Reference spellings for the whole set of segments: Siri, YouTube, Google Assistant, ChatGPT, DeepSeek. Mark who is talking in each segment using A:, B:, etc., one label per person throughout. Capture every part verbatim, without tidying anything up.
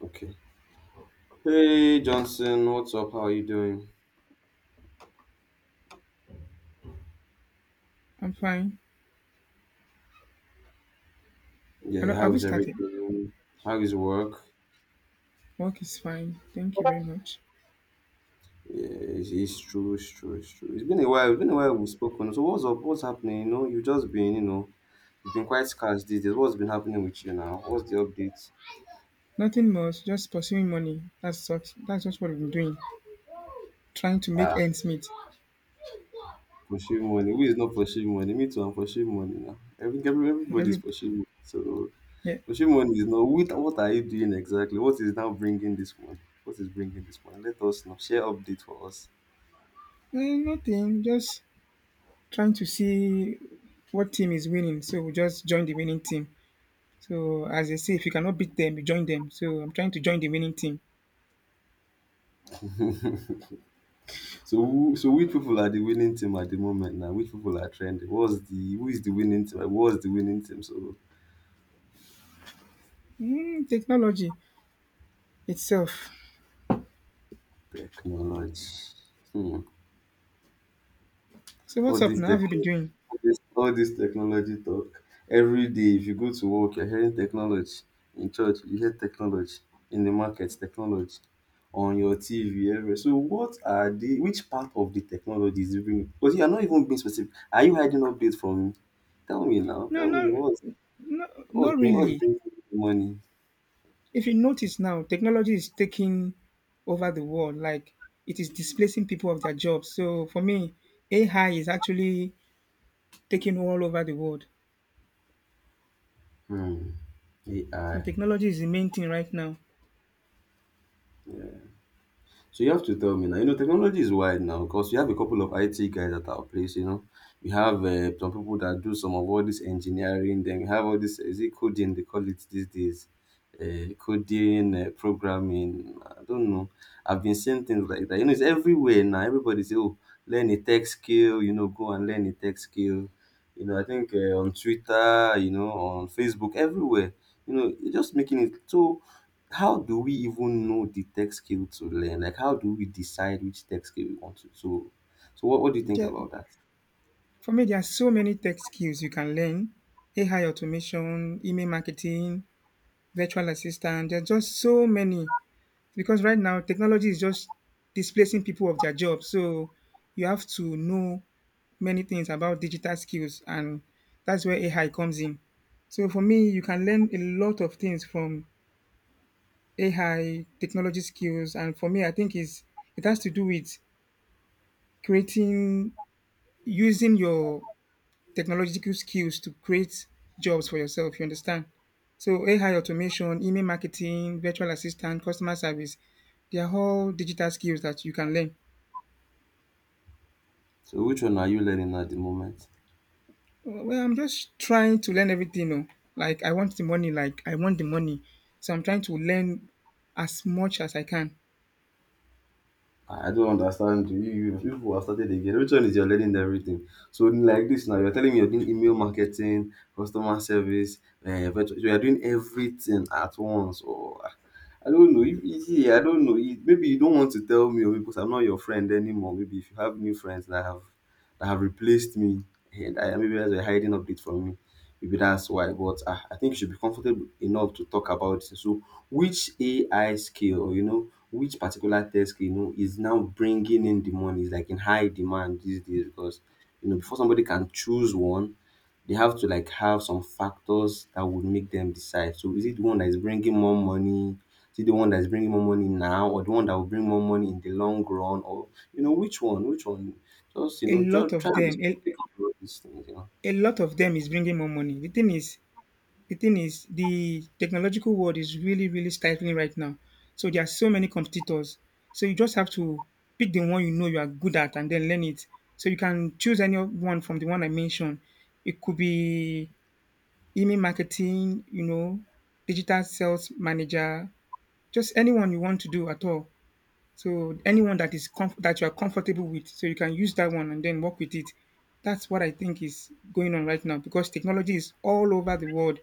A: Okay. Hey Johnson, what's up? How are you doing?
B: I'm fine.
A: Yeah,
B: Hello,
A: how
B: have we
A: is
B: started?
A: everything? How is work?
B: Work is fine. Thank you very much.
A: Yeah, it's, it's true, it's true, it's true. It's been a while. It's been a while we've spoken. So what's up? What's happening? You know, you've just been, you know, you've been quite scarce these days. What's been happening with you now? What's the update?
B: Nothing much, just pursuing money. That's what that's just what we've been doing. Trying to make
A: Ah,
B: ends meet.
A: pursuing money. Who is not pursuing money? Me too. I'm pursuing money now. Every, every- everybody's
B: Every
A: pursuing. Money. So
B: yeah.
A: pursuing money is not. What what are you doing exactly? What is now bringing this money? What is bringing this money? Let us know. Share update for us.
B: Eh, nothing. Just trying to see what team is winning. So we just join the winning team. So as they say, if you cannot beat them, you join them. So I'm trying to join the winning team.
A: So who so which people are the winning team at the moment now? Which people are trending? What's the Who is the winning team? Like, what's the winning team? So
B: Mm, technology itself.
A: technology. Hmm.
B: So what's
A: All
B: up
A: this
B: now? Have you been
A: technology,
B: doing?
A: all this, all this technology talk. Every day, if you go to work, you're hearing technology. In church, you hear technology. In the market, technology. On your T V, everywhere. So what are the which part of the technology is even, because you are not even being specific. Are you hiding updates from me? Tell me now.
B: No,
A: Tell
B: no,
A: me what's
B: no,
A: what's
B: not
A: bring what's
B: really.
A: bringing you the money?
B: If you notice now, technology is taking over the world. Like it is displacing people of their jobs. So for me, A I is actually taking all over the world.
A: Hmm,
B: So
A: A I.
B: technology is the main thing right now.
A: So you have to tell me now. You know, technology is wide now because we have a couple of I T guys at our place. You know, we have uh, some people that do some of all this engineering. Then we have all this, is it coding they call it these days, uh, coding, uh, programming. I don't know. I've been seeing things like that. You know, it's everywhere now. Everybody say, "Oh, learn a tech skill." You know, go and learn a tech skill. You know, I think uh, on Twitter, you know, on Facebook, everywhere. You know, it's just making it so how do we even know the tech skill to learn? Like, how do we decide which tech skill we want to? So, so what, what do you think
B: There,
A: about that?
B: for me, there are so many tech skills you can learn. A I automation, email marketing, virtual assistant. There are just so many because right now technology is just displacing people of their jobs. So you have to know many things about digital skills, and that's where A I comes in. So for me, you can learn a lot of things from A I technology skills. And for me, I think is it has to do with creating using your technological skills to create jobs for yourself. You understand? So A I automation, email marketing, virtual assistant, customer service, they are all digital skills that you can learn.
A: So, which one are you learning at the moment?
B: Well, well, I'm just trying to learn everything. Oh. Like, I want the money. Like, I want the money. So I'm trying to learn as much as I can.
A: I don't understand you. You you people have started again. Which one is your learning everything? So like this now, you're telling me you're doing email marketing, customer service, uh, virtual. You are doing everything at once. Or I don't know. If you see, I don't know. You, maybe you don't want to tell me, or because I'm not your friend anymore. Maybe if you have new friends that have that have replaced me, and I maybe that's a hiding update from me. Maybe that's why. But ah, I think you should be comfortable enough to talk about it. So, which A I skill, or you know which particular tech skill you know is now bringing in the money? Is like in high demand these days? Because you know, before somebody can choose one, they have to like have some factors that would make them decide. So, is it the one that is bringing more money? Is it the one that is bringing more money now, or the one that will bring more money in the long run, or you know which one? Which one? Just you
B: A
A: know,
B: lot
A: just try
B: of
A: and be
B: them,
A: specific
B: a,
A: about these things. You know.
B: a lot of them is bringing more money. The thing is, the thing is, the technological world is really, really stifling right now. So there are so many competitors. So you just have to pick the one you know you are good at and then learn it. So you can choose any one from the one I mentioned. It could be email marketing, you know, digital sales manager, just anyone you want to do at all. So anyone that is comf- that you are comfortable with, so you can use that one and then work with it. That's what I think is going on right now because technology is all over the world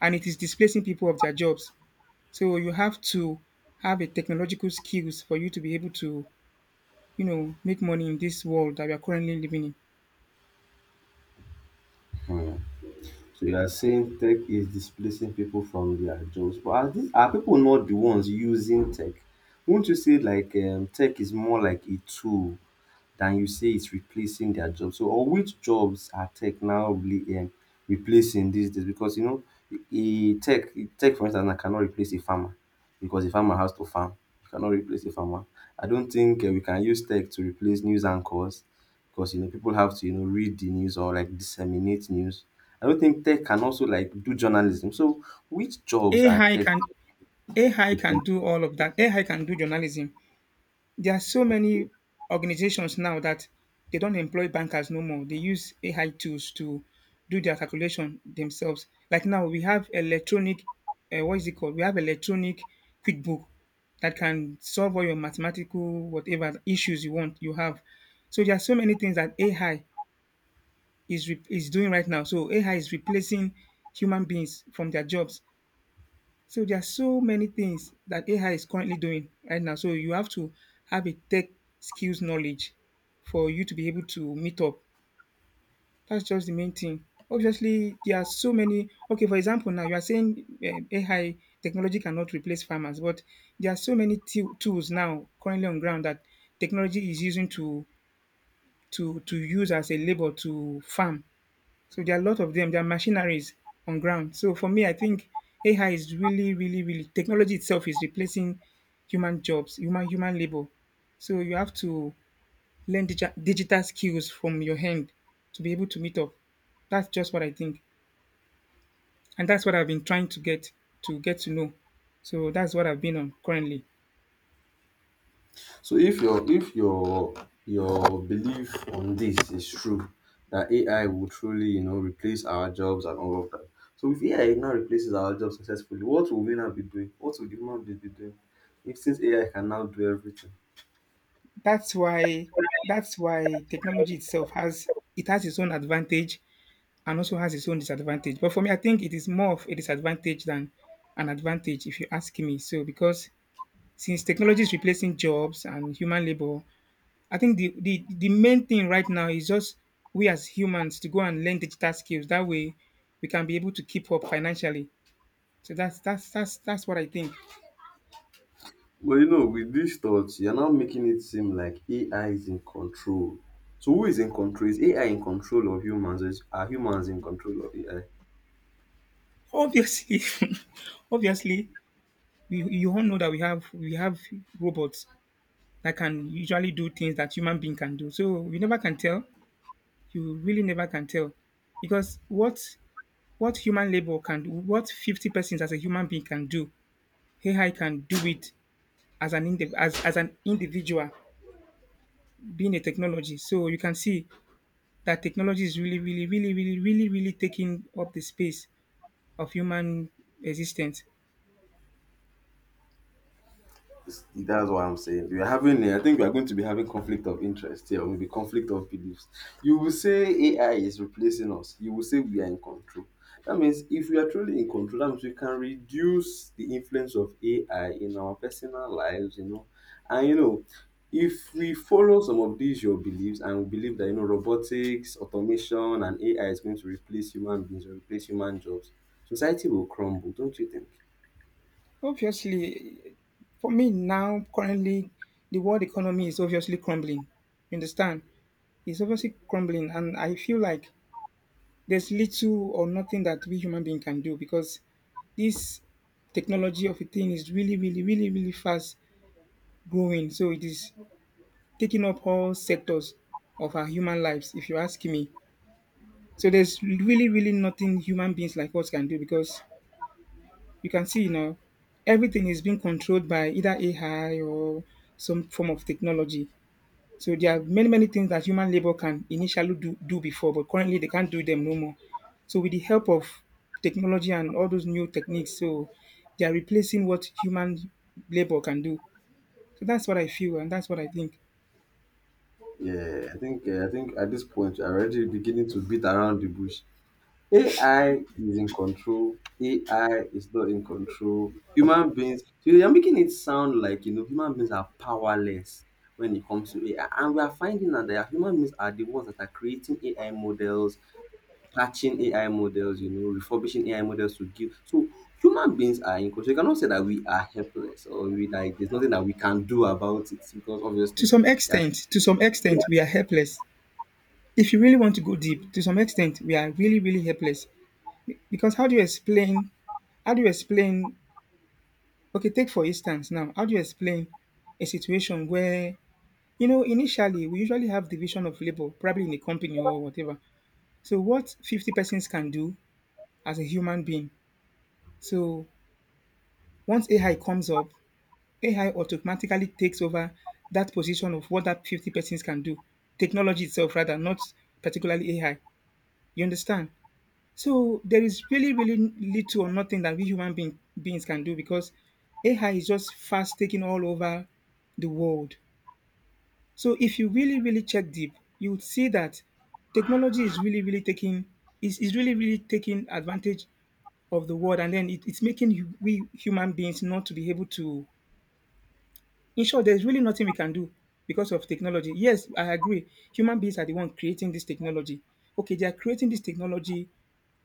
B: and it is displacing people of their jobs. So you have to have a technological skills for you to be able to, you know, make money in this world that we are currently living in.
A: So you are saying tech is displacing people from their jobs, but are these are people not the ones using tech? Won't you say like um, tech is more like a tool than you say it's replacing their job? So or which jobs are tech now really um replacing these days? Because you know, e tech a tech for instance I cannot replace a farmer, because a farmer has to farm. You cannot replace a farmer. I don't think um we can use tech to replace news anchors, because you know people have to you know read the news or like disseminate news. I don't think tech can also like do journalism. So which jobs are
B: AI
A: tech
B: can A I can
A: replacing?
B: do all of that. A I can do journalism. There are so many organizations now that they don't employ bankers no more. They use A I tools to do their calculation themselves. Like now, we have electronic, uh, what is it called? We have electronic QuickBook that can solve all your mathematical whatever issues you want you have. So there are so many things that A I is re- is doing right now. So A I is replacing human beings from their jobs, so there are so many things that A I is currently doing right now. So you have to have a tech skills knowledge for you to be able to meet up. That's just the main thing. Obviously, there are so many. Okay, for example, now you are saying um, A I technology cannot replace farmers, but there are so many t- tools now currently on ground that technology is using to to to use as a labor to farm. So there are a lot of them. There are machineries on ground. So for me, I think A I is really, really, really technology itself is replacing human jobs, human human labor. So you have to learn digi- digital skills from your hand to be able to meet up. That's just what I think, and that's what I've been trying to get to get to know. So that's what I've been on currently.
A: So if your if your your belief on this is true, that A I will truly, you know, replace our jobs and all of that. So if A I now replaces our jobs successfully, what will we now be doing? What will the human being be doing? If since A I can now do everything.
B: That's why that's why technology itself has it has its own advantage and also has its own disadvantage. But for me, I think it is more of a disadvantage than an advantage, if you ask me. So because since technology is replacing jobs and human labor, I think the, the, the main thing right now is just we as humans to go and learn digital skills. That way we can be able to keep up financially. So that's that's that's that's what I think.
A: Well, you know, with these thoughts, you're now making it seem like A I is in control. So who is in control? Is A I in control of humans? Or is- are humans in control of A I?
B: Obviously, obviously, we you all know that we have we have robots that can usually do things that human being can do. So we never can tell. You really never can tell because what what human labor can do, what fifty persons as a human being can do, A I can do it as an indiv- as, as an individual being a technology. So you can see that technology is really really really really really really taking up the space of human existence.
A: It's- That's what I'm saying. We are having, a- I think we are going to be having conflict of interest here, or maybe conflict of beliefs. You will say A I is replacing us. You will say we are in control. That means if we are truly in control, that means we can reduce the influence of A I in our personal lives, you know. And you know, if we follow some of these your beliefs and we believe that you know robotics, automation, and A I is going to replace human beings or replace human jobs, society will crumble, don't you think?
B: Obviously, for me now currently, the world economy is obviously crumbling, you understand. It's obviously crumbling and I feel like there's little or nothing that we human being can do because this technology of a thing is really, really, really, really fast growing. So it is taking up all sectors of our human lives, if you ask me. So there's really, really nothing human beings like us can do because you can see, you know, everything is being controlled by either A I or some form of technology. So there are many, many things that human labor can initially do, do before, but currently they can't do them no more. So with the help of technology and all those new techniques, so they are replacing what human labor can do. So that's what I feel and that's what I think.
A: Yeah, I think uh, I think at this point you're already beginning to beat around the bush. A I is in control. A I is not in control. Human beings, so you're making it sound like you know human beings are powerless when it comes to A I, and we are finding out that human beings are the ones that are creating A I models, patching A I models, you know, refurbishing A I models to give. So human beings are in control. You cannot say that we are helpless or we like there's nothing that we can do about it, because
B: To
A: obviously,
B: some
A: yeah
B: extent, to some extent, we are helpless. If you really want to go deep, to some extent, we are really, really helpless. Because how do you explain? How do you explain? Okay, take for instance now. How do you explain a situation where, you know, initially, we usually have division of labor, probably in a company or whatever. So what fifty persons can do as a human being. So once A I comes up, A I automatically takes over that position of what that fifty persons can do. Technology itself, rather, not particularly A I. You understand? So there is really, really little or nothing that we human being, beings can do because A I is just fast taking all over the world. So if you really, really check deep, you would see that technology is really, really taking is, is really, really taking advantage of the world, and then it, it's making you, we human beings not to be able to. In short, there's really nothing we can do because of technology. Yes, I agree. Human beings are the one creating this technology. Okay, they are creating this technology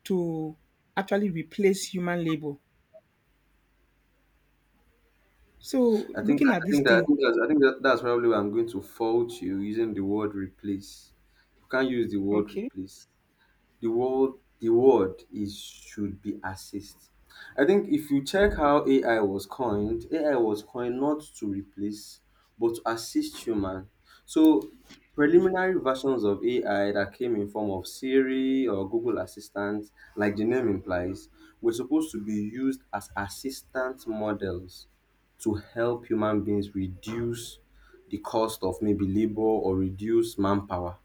B: to actually replace human labor. So
A: I think
B: looking
A: I
B: at this
A: think that I
B: thing,
A: think that's I think that, that's probably where I'm going to fault you using the word replace. You can't use the word
B: okay,
A: replace, the world the word is should be assist. I think if you check how A I was coined, A I was coined not to replace but to assist human. So preliminary versions of A I that came in form of Siri or Google Assistant, like the name implies, were supposed to be used as assistant models to help human beings reduce the cost of maybe labor or reduce manpower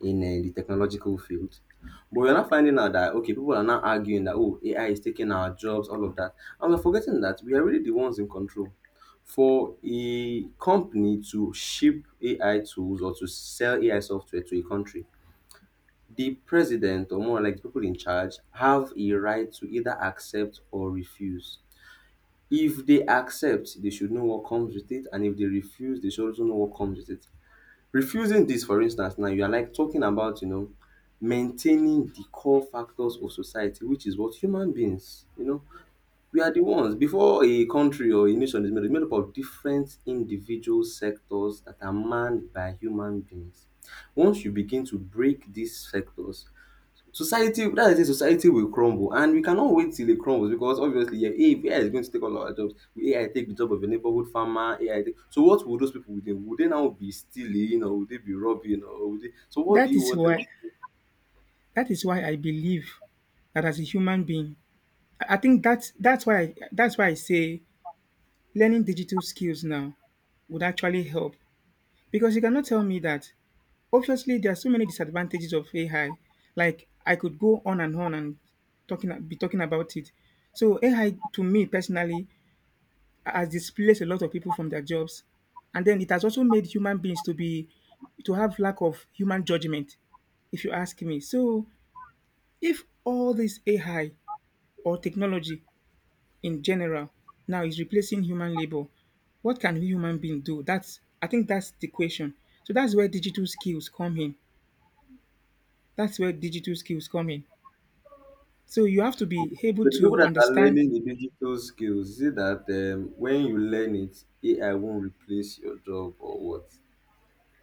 A: in uh, the technological field. But we're not finding out that okay, people are now arguing that oh, A I is taking our jobs, all of that, and we're forgetting that we are really the ones in control. For a company to ship A I tools or to sell A I software to a country, the president or more like the people in charge have a right to either accept or refuse. If they accept, they should know what comes with it, and if they refuse, they should also know what comes with it. Refusing this for instance, now you are like talking about you know maintaining the core factors of society, which is what human beings, you know, we are the ones. Before a country or a nation is made, it's made up of different individual sectors that are manned by human beings. Once you begin to break these sectors, society, that's the thing, society will crumble, and we cannot wait till it crumbles, because obviously yeah, if A I is going to take all our jobs, will A I take the job of a neighborhood farmer? A I take, so what will those people do? Would they now be stealing, or would they be robbing, or would they, so what do
B: that
A: you
B: is
A: want them?
B: why that is why I believe that as a human being, I think that's that's why I, that's why I say learning digital skills now would actually help because you cannot tell me that obviously there are so many disadvantages of A I. Like I could go on and on and talking be talking about it. So A I to me personally has displaced a lot of people from their jobs, and then it has also made human beings to be to have lack of human judgment, if you ask me. So if all this A I or technology in general now is replacing human labor, what can we human being do? That's I think that's the question. So that's where digital skills come in. That's where digital skills come in. So you have to be able
A: So the people
B: to
A: that are
B: understand
A: learning the digital skills, is it that um, when you learn it A I won't replace your job or what?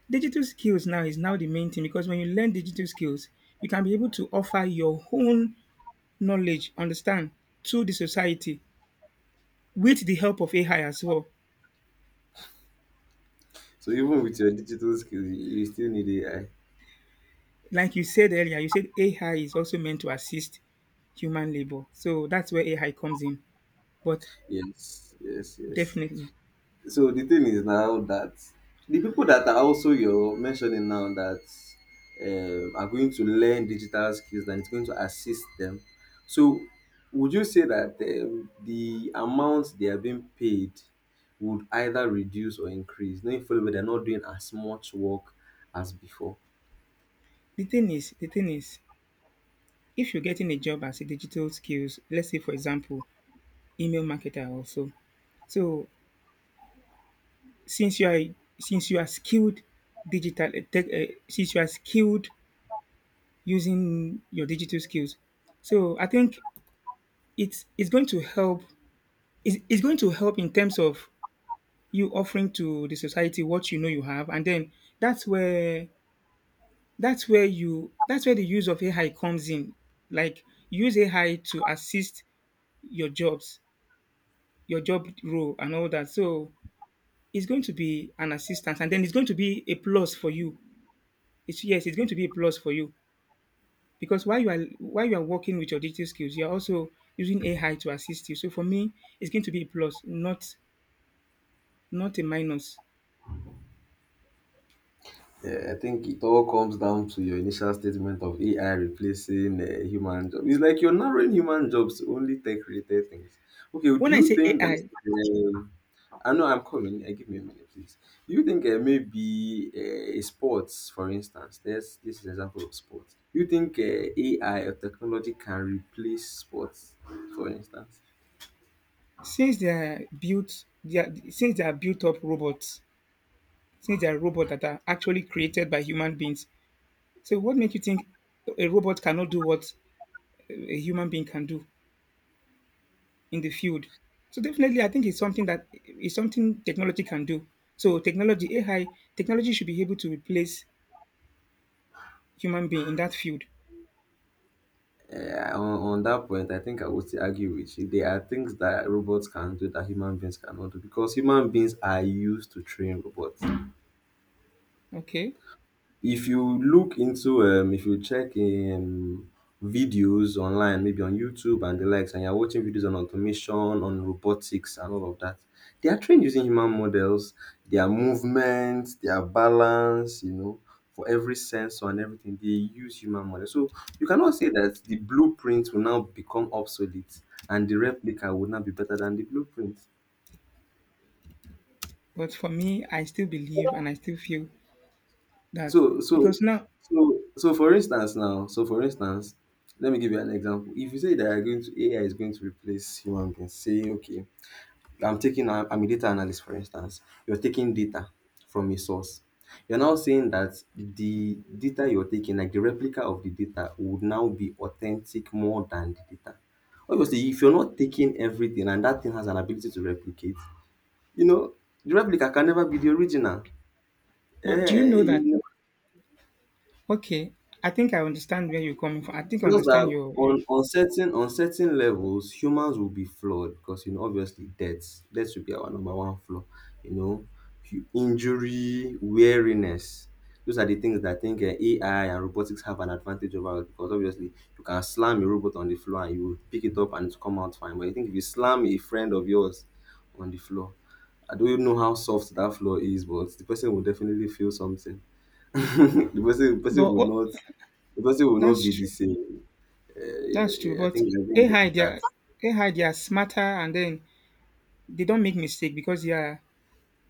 B: digital skills now is now the main thing because when you learn digital skills, you can be able to offer your own knowledge, understand, to the society with the help of A I as well.
A: So even with your digital skills, you you still need A I?
B: Like you said earlier, you said A I is also meant to assist human labor. So that's where A I comes in. But
A: Yes, yes, yes.
B: definitely
A: So the thing is now that the people that are also you're mentioning now that um, are going to learn digital skills and it's going to assist them. So would you say that um, the amount they are being paid would either reduce or increase? Knowing fully well they're not doing as much work as before.
B: The thing is the thing is, if you're getting a job as a digital skills, let's say for example, email marketer also. So. So since you are since you are skilled digital eh, tech, uh, since you are skilled using your digital skills, so I think it's it's going to help. It's, it's going to help in terms of you offering to the society what you know you have, and then that's where that's where you that's where the use of A I comes in. Like use A I to assist your jobs your job role and all that. So it's going to be an assistance, and then it's going to be a plus for you. It's yes, it's going to be a plus for you because while you are while you are working with your digital skills, you are also using A I to assist you. So for me, it's going to be a plus, not not a minus.
A: Yeah, I think it all comes down to your initial statement of A I replacing uh, human jobs. It's like you're narrowing human jobs to only tech-related things. Okay, do
B: When I
A: you
B: say
A: think that?
B: A I,
A: Um, I know I'm coming. Uh, give me a minute, please. Do you think uh, maybe uh, sports, for instance, there's this is an example of sports. Do you think uh, A I or technology can replace sports, for instance?
B: since they are built, they are, since they are built up robots, since they are robots that are actually created by human beings. So what makes you think a robot cannot do what a human being can do in the field? So definitely, I think it's something that it's something technology can do. So technology, A I, technology should be able to replace human being in that field.
A: Yeah, on, on that point, I think I would still argue with you. There are things that robots can do that human beings cannot do because human beings are used to train robots.
B: Okay,
A: If you look into um if you check um videos online, maybe on YouTube and the likes, and you're watching videos on automation, on robotics and all of that, they are trained using human models. Their movement, their balance, you know, for every sensor and everything, they use human models. So you cannot say that the blueprint will now become obsolete and the replica will now be better than the blueprint.
B: but for me, I still believe and I still feel that
A: So so
B: because now,
A: so so for instance now, so for instance, let me give you an example. If you say that you're going to, A I is going to replace human beings, say okay, I'm taking a- I'm a data analyst, for instance. You're taking data from a source. You're now saying that the data you're taking, like the replica of the data, would now be authentic more than the data. Obviously, if you're not taking everything and that thing has an ability to replicate, you know, the replica can never be the original.
B: but do you know
A: Eh,
B: that? Okay, I think I understand where you're coming from. I think I
A: Just
B: understand
A: that
B: your your.
A: on on certain on certain levels, humans will be flawed because, you know, obviously death death will be our number one flaw. You know, Hu- injury, weariness. Those are the things that I think uh, A I and robotics have an advantage over us, because obviously you can slam a robot on the floor and you will pick it up and it's come out fine. But I think if you slam a friend of yours on the floor, I don't even know how soft that floor is, but the person will definitely feel something. the person the person
B: But
A: would
B: oh,
A: not, the person will not
B: that's
A: be the
B: true.
A: same. Yeah, yeah,
B: That's true.
A: yeah. I
B: But
A: think I think
B: A I, they are
A: that's
B: A I, they are smarter, and then they don't make mistake because they are,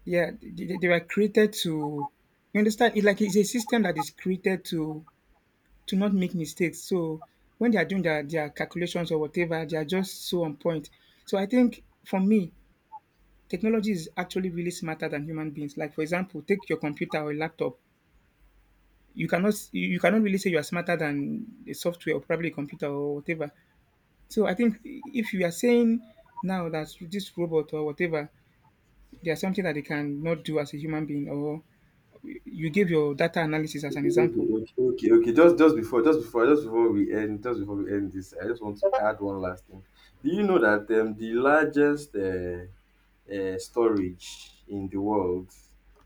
B: yeah, they, they they were created to, you understand, it like it's a system that is created to to not make mistakes. So when they are doing their, their calculations or whatever, they are just so on point. So I think for me, technology is actually really smarter than human beings. Like for example, take your computer or laptop. You cannot s- you you cannot really say you are smarter than a software or probably a computer or whatever. So I think if you are saying now that this robot or whatever, there's something that they cannot do as a human being, or you gave your data analysis as an example.
A: okay, okay, okay. Just just before just before just before we end, just before we end this, I just want to add one last thing. Do you know that, um, the largest, uh, uh, storage in the world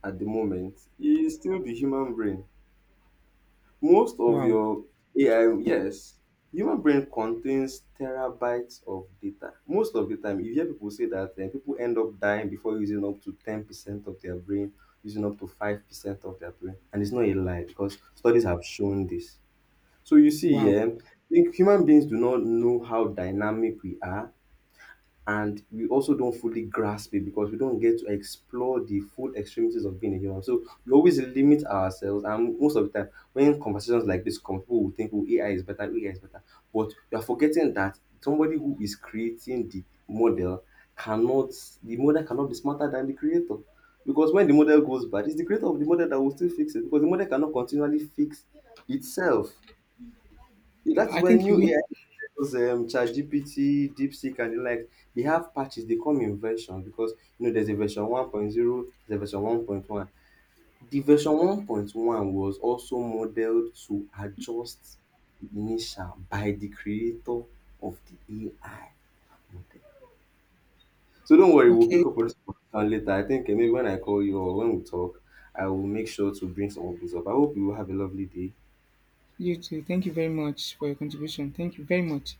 A: at the moment is still the human brain? Most of
B: Wow.
A: your A I, yes, human brain contains terabytes of data. Most of the time, you hear people say that, eh, people end up dying before using up to ten percent of their brain, using up to five percent of their brain. And it's not a lie, because studies have shown this. So you see,
B: Wow.
A: yeah, I think human beings do not know how dynamic we are, and we also don't fully grasp it because we don't get to explore the full extremities of being a human. So we always limit ourselves, and most of the time, when conversations like this come, people will think, "Oh, A I is better, A I is better," but we are forgetting that somebody who is creating the model cannot, the model cannot be smarter than the creator. Because when the model goes bad, it's the creator of the model that will still fix it, because the model cannot continually fix itself. That is
B: I
A: where
B: think you
A: new
B: win.
A: A I, those um, ChatGPT, DeepSeek, and the like, they have patches. They come in versions because, you know, there's a version one point zero, there's a version one point one. The version one point one was also modeled to adjust the initial by the creator of the A I model. So don't worry, we'll
B: Okay.
A: pick up on this conversation later. I think, uh, maybe when I call you or when we talk, I will make sure to bring some of this up. I hope you have a lovely day.
B: You too. Thank you very much for your contribution. Thank you very much.